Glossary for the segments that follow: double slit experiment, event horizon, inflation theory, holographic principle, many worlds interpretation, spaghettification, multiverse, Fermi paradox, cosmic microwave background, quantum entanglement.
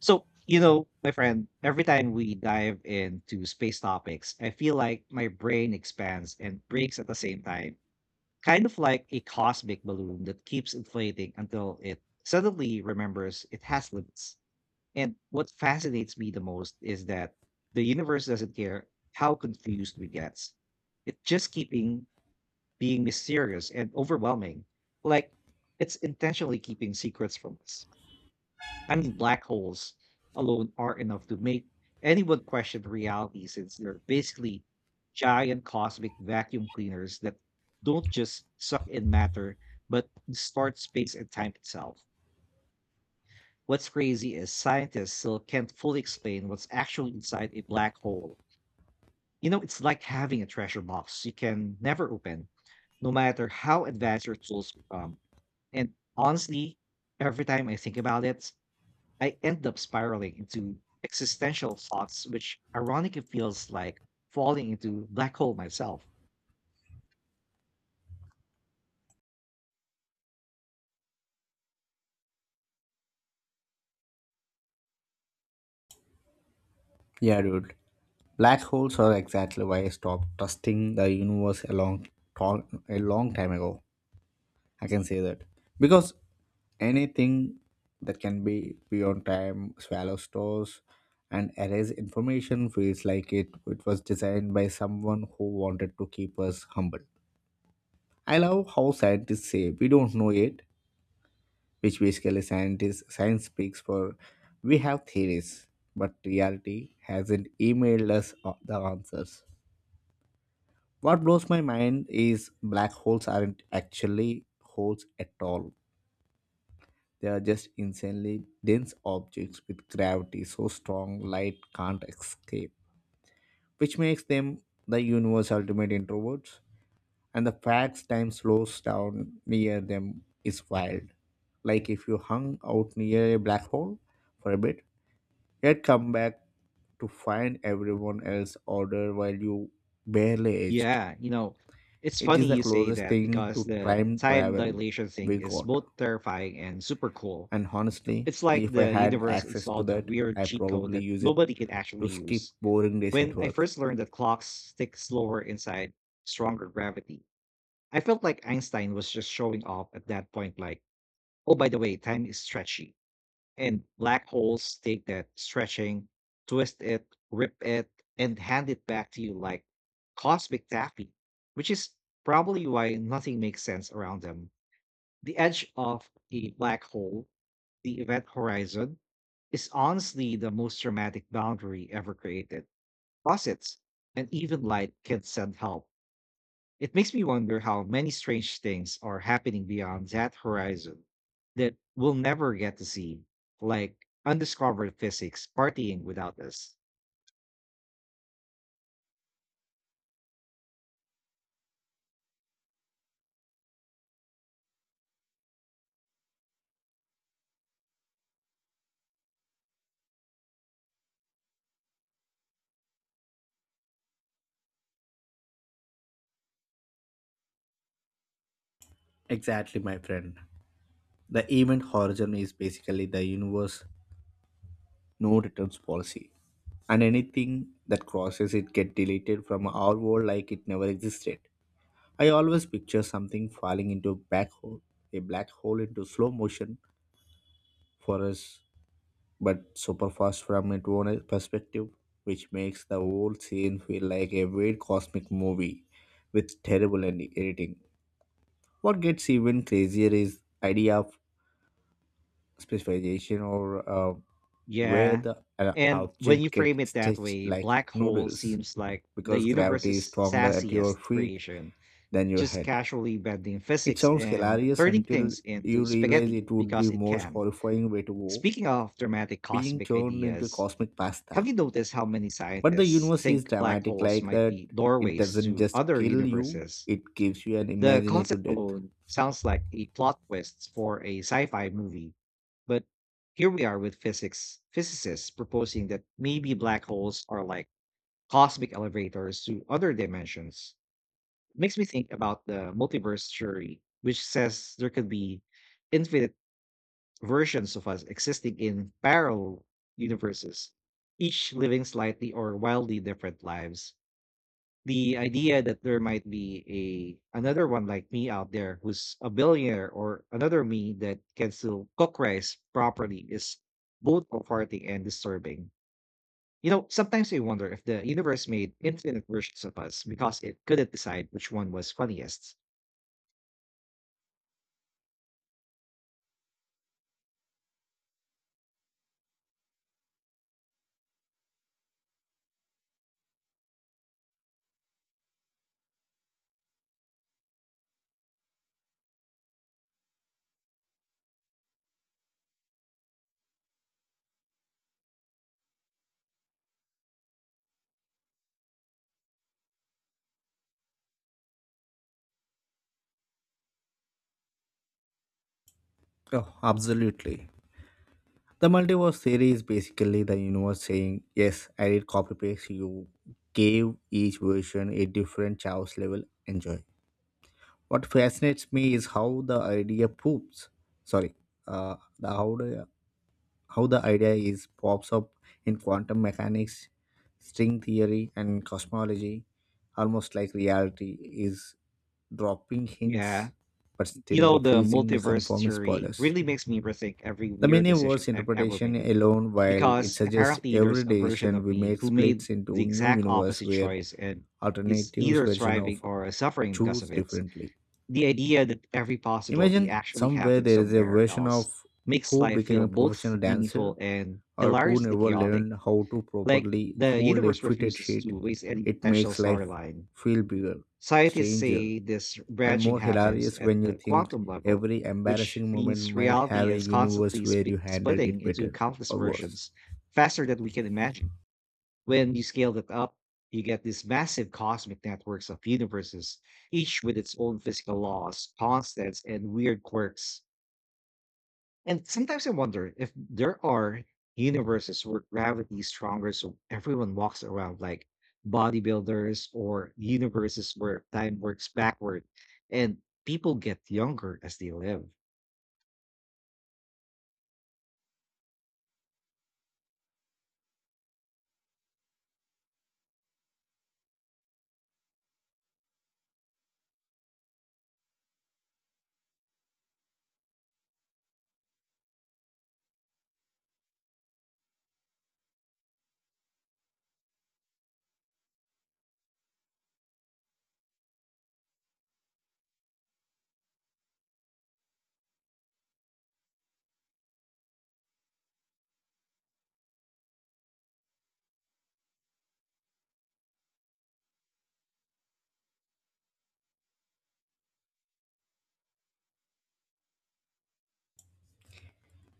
So my friend, every time we dive into space topics, I feel like my brain expands and breaks at the same time, kind of like a cosmic balloon that keeps inflating until it suddenly remembers it has limits. And what fascinates me the most is that the universe doesn't care how confused we get. It just keeping being mysterious and overwhelming, like it's intentionally keeping secrets from us. I mean, black holes alone are enough to make anyone question reality since they're basically giant cosmic vacuum cleaners that don't just suck in matter, but distort space and time itself. What's crazy is scientists still can't fully explain what's actually inside a black hole. It's like having a treasure box you can never open, no matter how advanced your tools become. And honestly, every time I think about it, I end up spiraling into existential thoughts, which ironically feels like falling into black hole myself. Yeah, dude. Black holes are exactly why I stopped trusting the universe tall, a long time ago. I can say that because anything that can be beyond time swallow stores and erase information feels like it was designed by someone who wanted to keep us humble. I love how scientists say we don't know yet, which basically scientists science speaks for we have theories, but reality hasn't emailed us the answers. What blows my mind is black holes aren't actually holes at all. They are just insanely dense objects with gravity so strong light can't escape, which makes them the universe's ultimate introverts. And the fact time slows down near them is wild. Like if you hung out near a black hole for a bit, yet come back to find everyone else order while you barely aged. Yeah. It's It funny is the you say closest that thing because to the time time travel dilation we thing is got. both terrifying and super cool. And honestly, It's like if I the had universe access to installed a that, weird I cheat code probably that use it nobody can actually to skip use. boring days at When I work. first learned that clocks tick slower inside stronger gravity, I felt like Einstein was just showing off at that point, like, oh, by the way, time is stretchy. And black holes take that stretching, twist it, rip it, and hand it back to you like cosmic taffy, which is probably why nothing makes sense around them. The edge of a black hole, the event horizon, is honestly the most dramatic boundary ever created. Faucets and even light can send help it makes me wonder how many strange things are happening beyond that horizon that we'll never get to see, like undiscovered physics partying without us. Exactly, my friend. The event horizon is basically the universe no returns policy. And anything that crosses it get deleted from our world like it never existed. I always picture something falling into a black hole into slow motion for us, but super fast from its own perspective, which makes the whole scene feel like a weird cosmic movie with terrible editing. What gets even crazier is idea of specialization, or where Yeah. the And when you object frame gets it that stretched way, like black hole noodles, seems like the because gravity is universe's stronger at your sassiest feet creation, than your just head. casually bending It physics sounds and hilarious turning until things into you realize spaghetti it would because be it most can. horrifying way to go, Speaking of dramatic being cosmic turned into ideas, cosmic pasta. have you noticed how many But the scientists universe is think black dramatic holes like might that. be It doorways doesn't to just other kill you, universes? it gives you an The imaginative concept death. alone sounds like a plot twist for a sci fi movie. But here we are with physics physicists proposing that maybe black holes are like cosmic elevators to other dimensions. Makes me think about the multiverse theory, which says there could be infinite versions of us existing in parallel universes, each living slightly or wildly different lives. The idea that there might be a another one like me out there who's a billionaire or another me that can still cook rice properly is both comforting and disturbing. You know, sometimes I wonder if the universe made infinite versions of us because it couldn't decide which one was funniest. Oh, absolutely. The multiverse theory is basically the universe saying, "Yes, I did copy paste you. Gave each version a different chaos level. Enjoy." What fascinates me is how the idea poops. Sorry, uh, the, how, the, how the idea is pops up in quantum mechanics, string theory, and cosmology, almost like reality is dropping Yeah, hints but you still know, the refusing the multiverse confirmed theory spoilers. really makes me rethink every The weird many decision words I've ever interpretation made. alone, while it Because suggests apparently every there's a version decision of we me make who made splits the into new exact universe opposite where choice and is alternatives either version thriving of or suffering because of choose it. differently. The idea that every possibility Imagine actually somewhere happens there is a somewhere version else of makes who life became feel a both professional meaningful dancer, and or who hilariously never chaotic. learned how to Like properly the fold a universe fitted refuses to sheet. waste any It potential makes life storyline. feel bigger, Scientists stranger, say this and branching more happens hilarious at when you the think quantum level, every which embarrassing moment means might reality have a is universe constantly where you handled splitting it into better countless or worse. versions faster than we can imagine. When you scale that up, you get these massive cosmic networks of universes, each with its own physical laws, constants, and weird quirks. And sometimes I wonder if there are universes where gravity is stronger so everyone walks around like bodybuilders or universes where time works backward and people get younger as they live.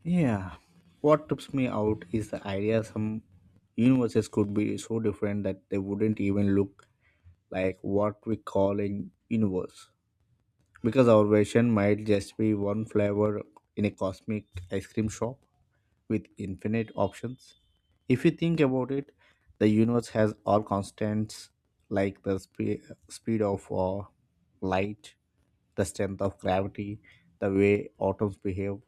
Yeah, what trips me out is the idea some universes could be so different that they wouldn't even look like what we call a universe, because our version might just be one flavor in a cosmic ice cream shop with infinite options. If you think about it, the universe has all constants, like the speed of light, the strength of gravity, the way atoms behave,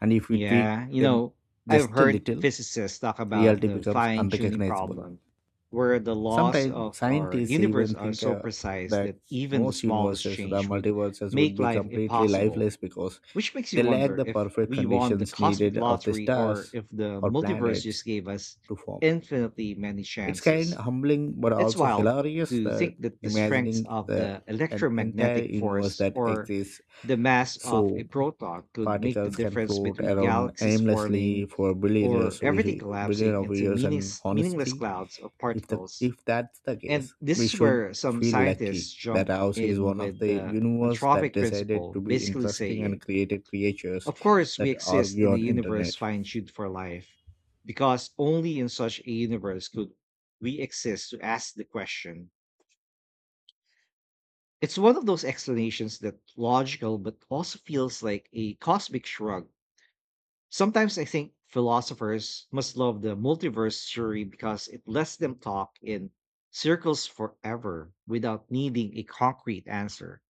and if we tweak Yeah, you them know, I've just a heard little, physicists talk about reality the becomes fine tuning unrecognizable. problem where the laws Sometimes of our scientists universe even are think so precise that that even the most smallest universes, the change would multiverses, would make be life completely impossible. lifeless because Which makes you they lack wonder the if perfect we won the conditions cosmic needed of the lottery or stars if the or multiverse just planets gave us to form. infinitely many It's kind chances. of humbling but It's also wild hilarious to that think that the strength imagining of the the an entire electromagnetic universe force that or exists the mass of a so proton could make the particles can difference float between around galaxies aimlessly forming for billion or years everything billion collapsing of into years and meaningless honestly, clouds of if the particles. if that's the And case, we this is should where some feel scientists lucky that jump ours is in one of with the the universe that anthropic decided principle, to be basically interesting and saying created creatures of course, we that exist argue in a on universe internet. fine tuned for life, because only in such a universe could we exist to ask the question. It's one of those explanations that logical but also feels like a cosmic shrug. Sometimes I think philosophers must love the multiverse theory because it lets them talk in circles forever without needing a concrete answer.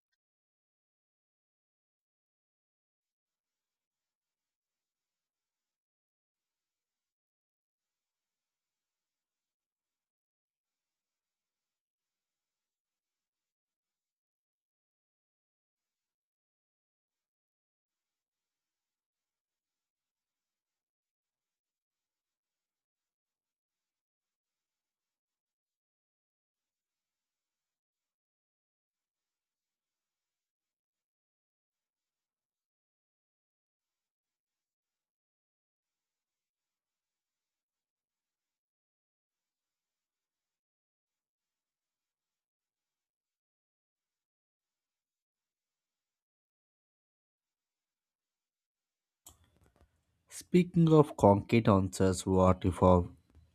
Speaking of concrete answers, what if our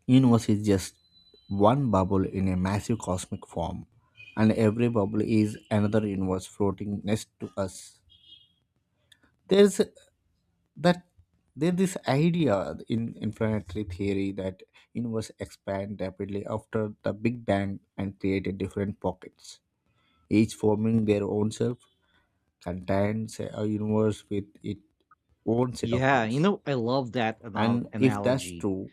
universe is just one bubble in a massive cosmic form, and every bubble is another universe floating next to us? There's that there's this idea in infinitely theory that universe expand rapidly after the Big Bang and created different pockets, each forming their own self, contains a universe with its own set of Yeah, you rules. know, I love that And if that's analogy. true,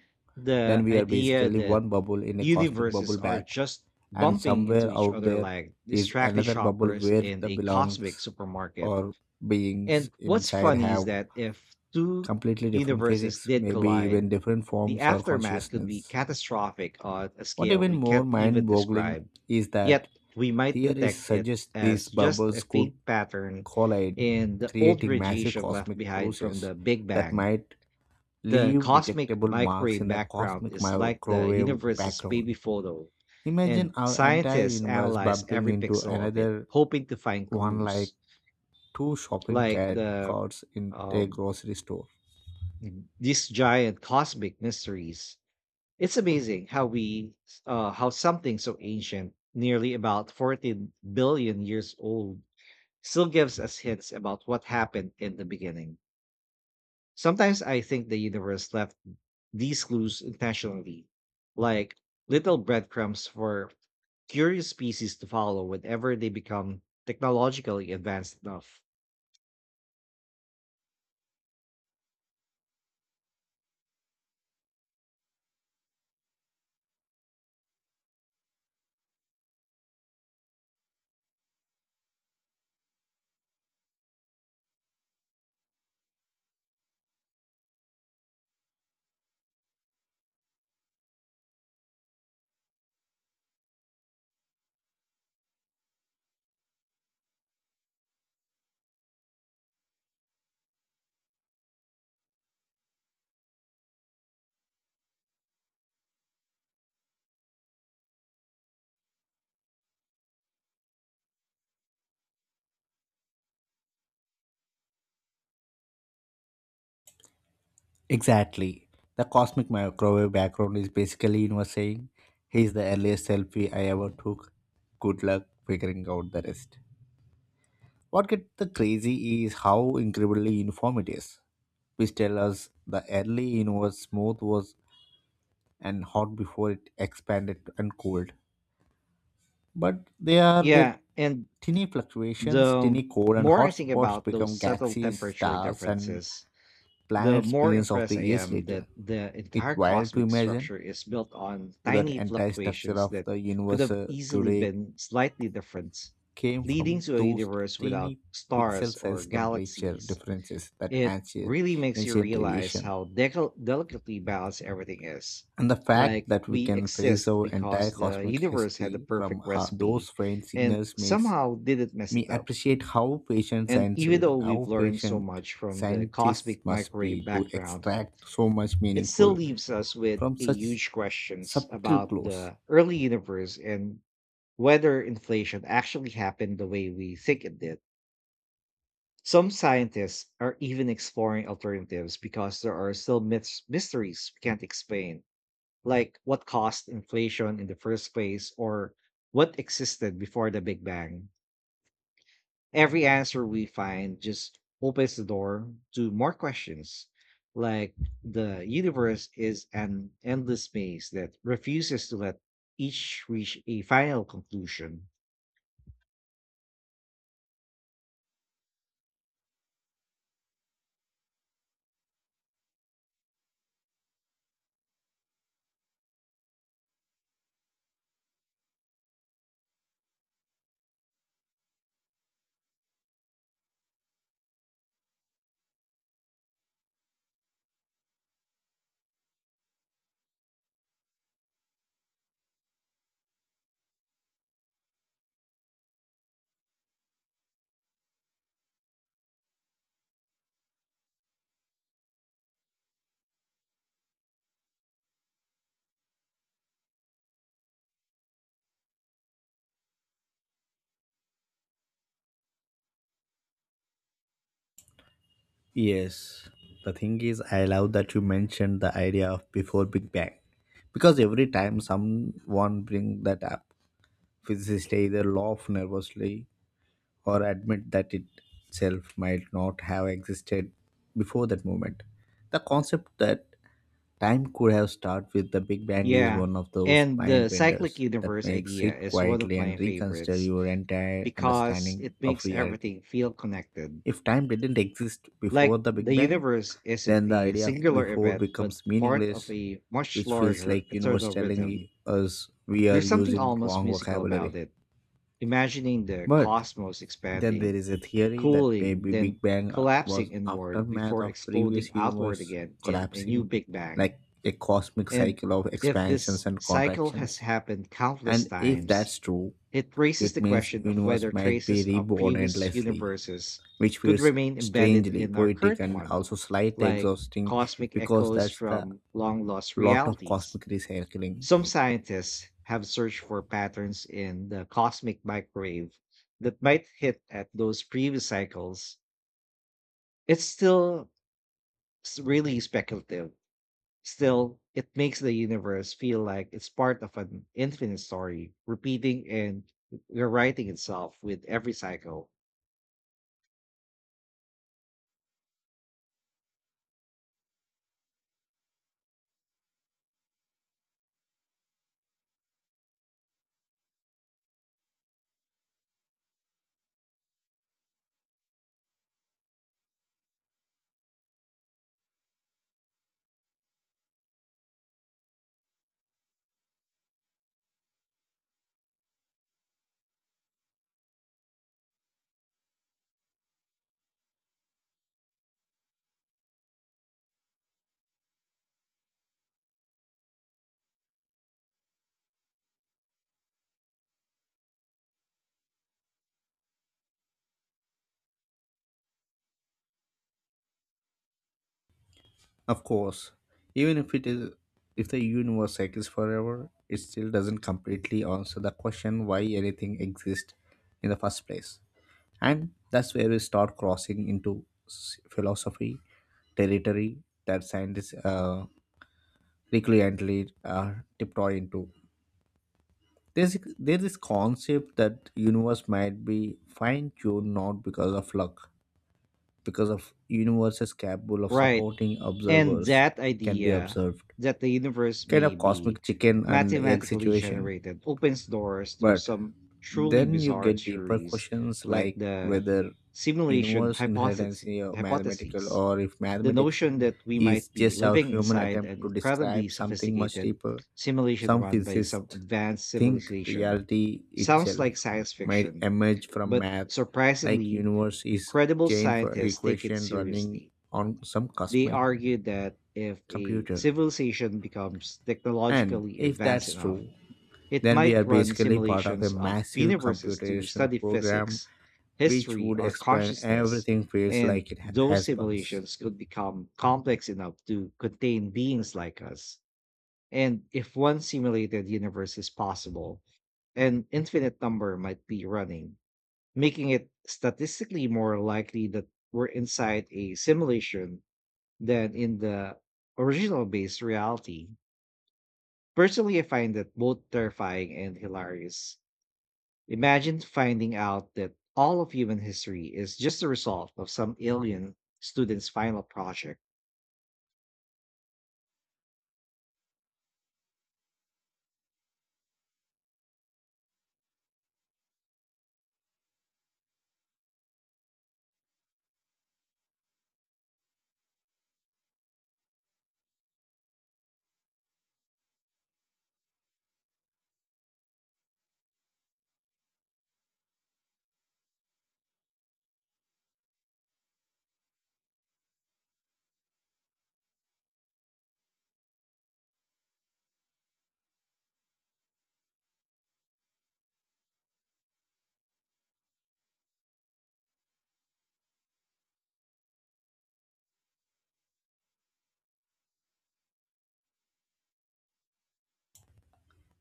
then The we are idea basically that one bubble in a cosmic universes bubble are bath, just and bumping somewhere into each out other there like is distracted another bubble shoppers where in the a cosmic belongs supermarket. or beings And what's inside funny is have that if two completely different universes physics, did maybe collide, even different the forms or aftermath could be consciousness. catastrophic on a What scale even we more can't even mind boggling describe. is that Yet, we might theories detect it suggest these as just bubbles a could faint pattern collide, in the old creating massive radiation left cosmic behind from process the Big that Bang. might The leave cosmic detectable marks microwave in the background cosmic is like the microwave universe's background. baby photo, Imagine and our entire scientists universe analyze bumping every into pixel of it, another hoping to find one, clues like two shopping like cat carts in a um, grocery store. these giant cosmic mysteries. It's amazing how we how something so ancient, nearly about 14 billion years old, still gives us hints about what happened in the beginning. Sometimes I think the universe left these clues intentionally, like little breadcrumbs for curious species to follow whenever they become technologically advanced enough. Exactly. The cosmic microwave background is basically universe saying, "Here's the earliest selfie I ever took. Good luck figuring out the rest." What gets the crazy is how incredibly uniform it is, which tell us the early universe smooth was and hot before it expanded and cooled. But they are the Yeah, and tiny fluctuations, the tiny core, and more I hot think spots about those become subtle galaxies, temperature stars, and differences, the planets more billions of impressed the I years am that later. the It's entire wild to cosmic imagine structure is built on to that tiny entire structure fluctuations of that the could universe have easily today been slightly different, came from leading to a those universe without tiny pixel stars or size temperature galaxies. differences, that It ancient really makes you ancient realize radiation. how delicately balanced everything is. And the fact Like, that we we can trace exist our entire because the cosmic universe had the history perfect from recipe those faint and signals makes somehow didn't mess me it up. appreciate how patient And science even though we've how learned so patient much from the scientists cosmic must microwave be to background, extract so much it still meaningful leaves us with from a such huge questions subtle about clues. the early universe and whether inflation actually happened the way we think it did. Some scientists are even exploring alternatives because there are still mysteries we can't explain, like what caused inflation in the first place or what existed before the Big Bang. Every answer we find just opens the door to more questions, like the universe is an endless maze that refuses to let each reach a final conclusion. Yes, the thing is, I love that you mentioned the idea of before Big Bang, because every time someone bring that up, physicists either laugh nervously or admit that it itself might not have existed before that moment. The concept that time could have started with the Big Bang is Yeah. one of those And mind the cyclic benders that universe makes idea sit is one of quietly my and reconsider favorites your entire because it understanding of makes reality. everything feel connected. If time didn't exist before Like the the Big Bang, universe isn't then the a idea of singular before event, but becomes part of meaningless, a much which feels larger like universe eternal telling rhythm. us we are There's something using almost wrong musical about vocabulary. it. Imagining the But cosmos then there expanding, is a theory that cooling, maybe then Big Bang collapsing was inward aftermath before of exploding previous outward universe again in a new collapsing, Big Bang. like a cosmic And cycle of if expansions this and cycle has contractions. happened countless And if times, that's true, it raises it the means question of universe whether might be traces of reborn previous endlessly, universes which could feels remain embedded strangely in our poetic current and one, also slightly like exhausting, cosmic because echoes that's the from long lost lot of realities. cosmic recycling. Some scientists have searched for patterns in the cosmic microwave that might hit at those previous cycles. It's still really speculative. Still, it makes the universe feel like it's part of an infinite story, repeating and rewriting itself with every cycle. Of course, even if it is if the universe cycles forever, it still doesn't completely answer the question why anything exists in the first place. And that's where we start crossing into philosophy territory that scientists recurrently tiptoe into. There's this concept that universe might be fine tuned not because of luck, because of universe is capable of Right. supporting And observers that can be idea observed, that the universe kind may of be cosmic chicken and egg mathematically situation. generated opens doors to But some truly then you bizarre get deeper theories questions, like like the whether simulation universe inheritance hypothesis, is mathematical hypotheses, or if the mathematics notion that we is might be just our living human inside attempt an to incredibly describe something much sophisticated deeper. simulation Some run by some physicists advanced think civilization reality sounds itself like science might fiction, emerge from but math, like surprisingly, universe is credible chain for scientists take it equation running seriously. on some They cosmic argued that if a computer. civilization becomes And technologically if advanced that's enough, true, it then we might are run basically part of a simulations of massive universes to computational study program, physics, which history, would or explain consciousness. everything feels And like it ha- those has bugs. simulations could become complex enough to contain beings like us. And if one simulated universe is possible, an infinite number might be running, making it statistically more likely that we're inside a simulation than in the original based reality. Personally, I find that both terrifying and hilarious. Imagine finding out that all of human history is just the result of some alien student's final project.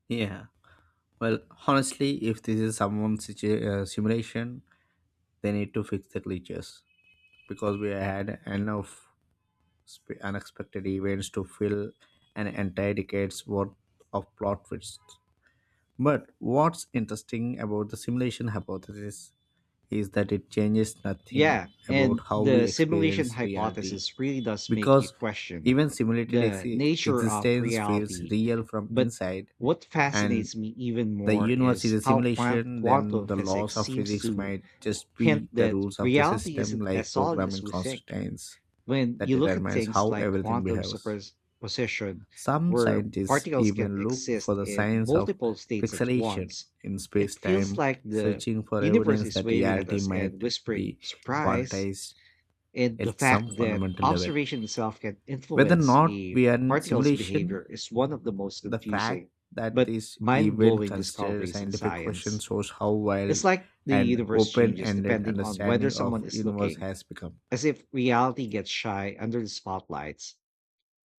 Yeah. Well, honestly, if this is someone's simulation, they need to fix the glitches because we had enough unexpected events to fill an entire decade's worth of plot twists. But what's interesting about the simulation hypothesis is that it changes nothing Yeah, about and how the we simulation experience reality, hypothesis really does make you because question even simulated the exi- nature of existence feels reality. real from But inside. what And fascinates me even the more universe is is a how simulation, then quantum the physics laws of seems physics to might just hint be the that rules of the reality system, isn't as like solid as programming we think. constraints When that you look at determines things how like everything quantum behaves. superposition, Some where scientists particles can even look for exist the in science of multiple states at pixelation once, in it feels space-time, like the searching for universe evidence is that waving at reality us and might whispering be surprise. quantized And the at some fact that fundamental level, observation itself can whether or influence not a we are in particle's simulation. behavior is one of the most The fact confusing that but this mind event blowing considered discoveries in scientific question science. shows how It's wild like the and universe changes open-ended depending on whether understanding of someone is universe looking, has become. as if reality gets shy under the spotlights.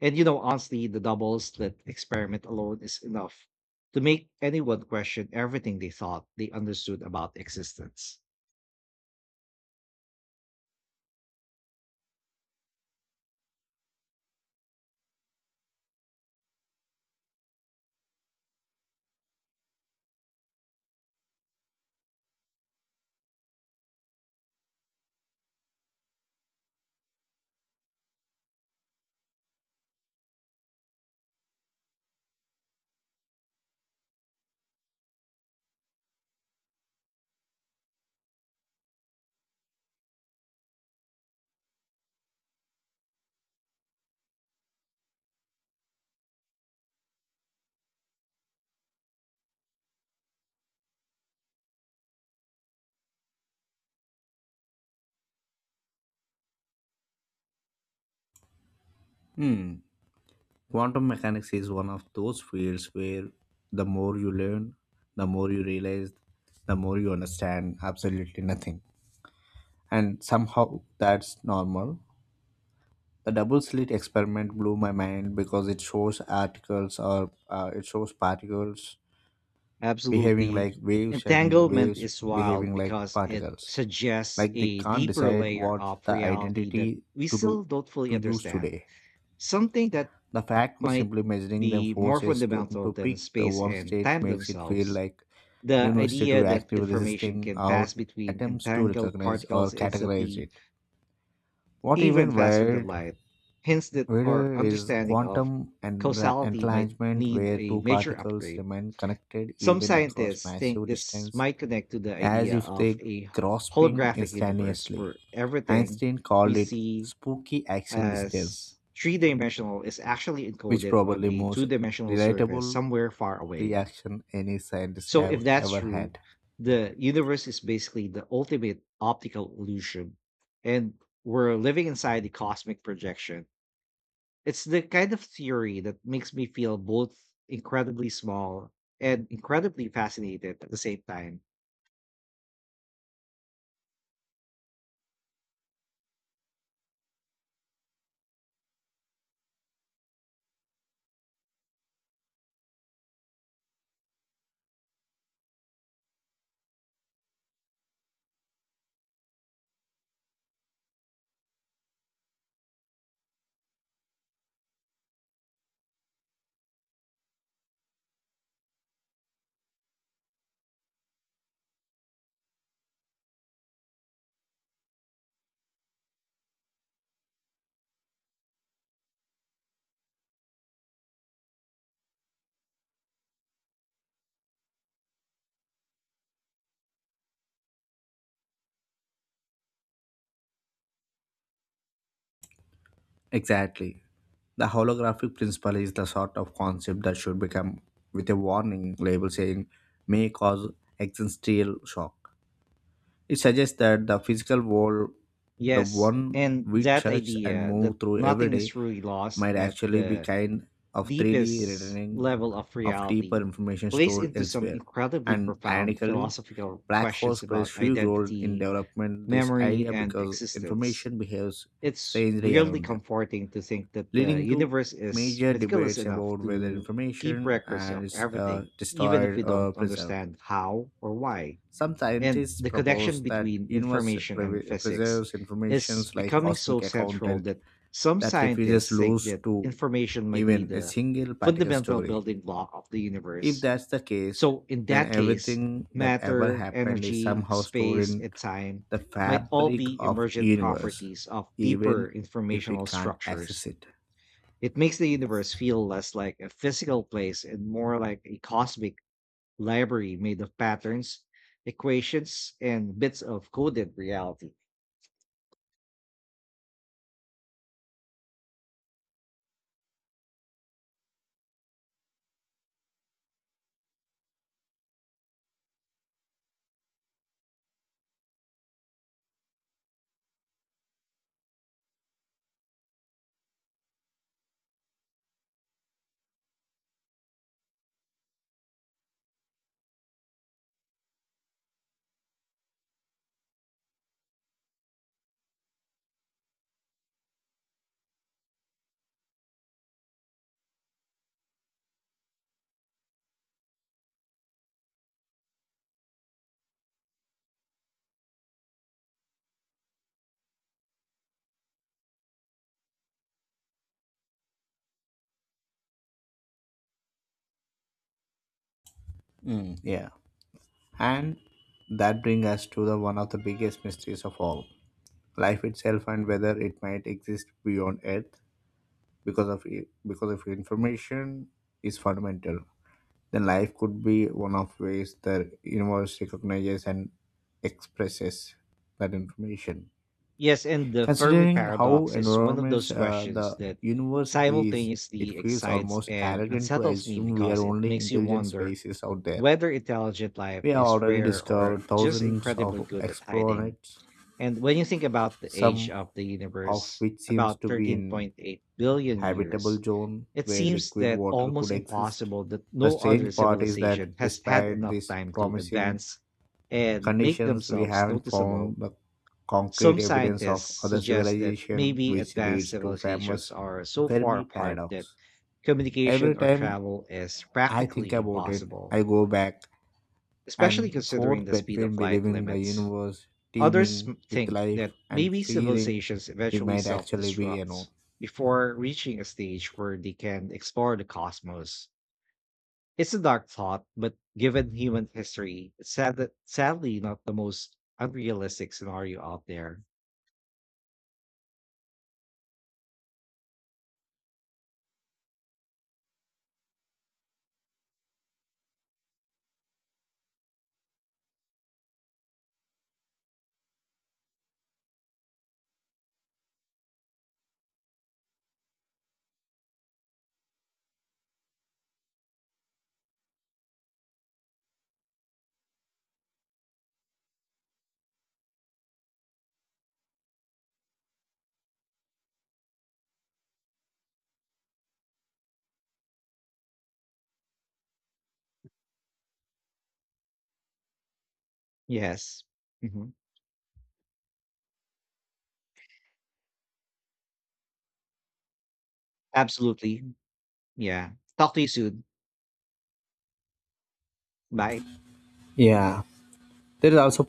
And honestly, the double slit experiment alone is enough to make anyone question everything they thought they understood about existence. Hmm. Quantum mechanics is one of those fields where the more you learn, the more you realize, the more you understand absolutely nothing. And somehow that's normal. The double slit experiment blew my mind because it shows particles behaving Absolutely. like waves and Entanglement waves is wild behaving like because it particles. suggests Like they a can't deeper decide layer what of the reality that identity we to still do don't fully to use understand, today. something that The fact of might simply measuring them be more forces to, fundamental to than pick the space one and time state makes it feel themselves. like The university idea to that actively information resisting can our pass between attempts to entangled recognize or particles categorize instantly, it. What even even faster than weird light, hints that our weirder is understanding of quantum and causality might entanglement need where a two major particles upgrade. remain connected Some even across scientists think massive this distance, might connect to the as idea if of they a grasping holographic universe instantaneously. where everything Einstein we called it see spooky action distance, as three dimensional is actually which encoded on probably a two most dimensional surface relatable somewhere far away. reaction any scientists So, have if that's ever true, had. the universe is basically the ultimate optical illusion, and we're living inside the cosmic projection. It's the kind of theory that makes me feel both incredibly small and incredibly fascinated at the same time. Exactly. The holographic principle is the sort of concept that should become with a warning label saying may cause existential shock. It suggests that the physical world, the Yes, one and we that touch and idea that move through every nothing is day, truly lost might at actually be the kind of 3D deepest rendering level of of deeper reality information plays stored into some elsewhere. incredibly And profound ironically, philosophical black holes questions about plays huge role in identity, development this memory, idea and because existence. information behaves It's strangely weirdly around them, comforting to think that the leading to universe is major meticulous debates enough about whether to keep information records of is everything, even if destroyed we don't or preserved. understand how or why. Some And scientists the propose connection that between universe information and pre- physics preserves is informations like becoming so cosmic central accountant that some that refuses scientists think loose that to information might be even a the single particle fundamental story. building block of the If universe. that's the case, So, in then that case, everything that ever matter, happened is energy, somehow stored space, in and time the might all fabric be of emergent universe, properties of deeper even if we informational can't structures. access it. It makes the universe feel less like a physical place and more like a cosmic library made of patterns, equations, and bits of coded reality. Mm, yeah. And that brings us to the one of the biggest mysteries of all, life itself, and whether it might exist beyond earth, because of because if information is fundamental, then life could be one of ways the universe recognizes and expresses that information. Yes, and the Fermi Considering how paradox is one of enormous those questions the that universe is, it simultaneously feels excites almost and arrogant to unsettles me assume we are because it only makes you intelligent wonder species out there. whether intelligent life We have is already rare or discovered just thousands incredibly of good at hiding. exoplanets, And when you think about the age some of the of universe, which seems about to be in 13.8 billion habitable years, zone it where seems liquid that water almost could exist. impossible that The no other strange part is that civilization has had despite enough these time to promising advance and make conditions, we themselves haven't found noticeable. the Some concrete evidence of scientists other suggest that civilization, maybe which advanced leads to civilizations famous are so far Fermi apart that paradox. Every communication or time travel is I think practically about it, impossible, I go back especially and considering forth the speed of between light believing the limits. universe Others teeming with think life that and maybe fearing civilizations we eventually might self actually be alone. destruct before reaching a stage where they can explore the cosmos. It's a dark thought, but given human history, sadly not the most unrealistic scenario out there. Yes. hmm Absolutely. Yeah. Talk to you soon. Bye. Yeah, there is also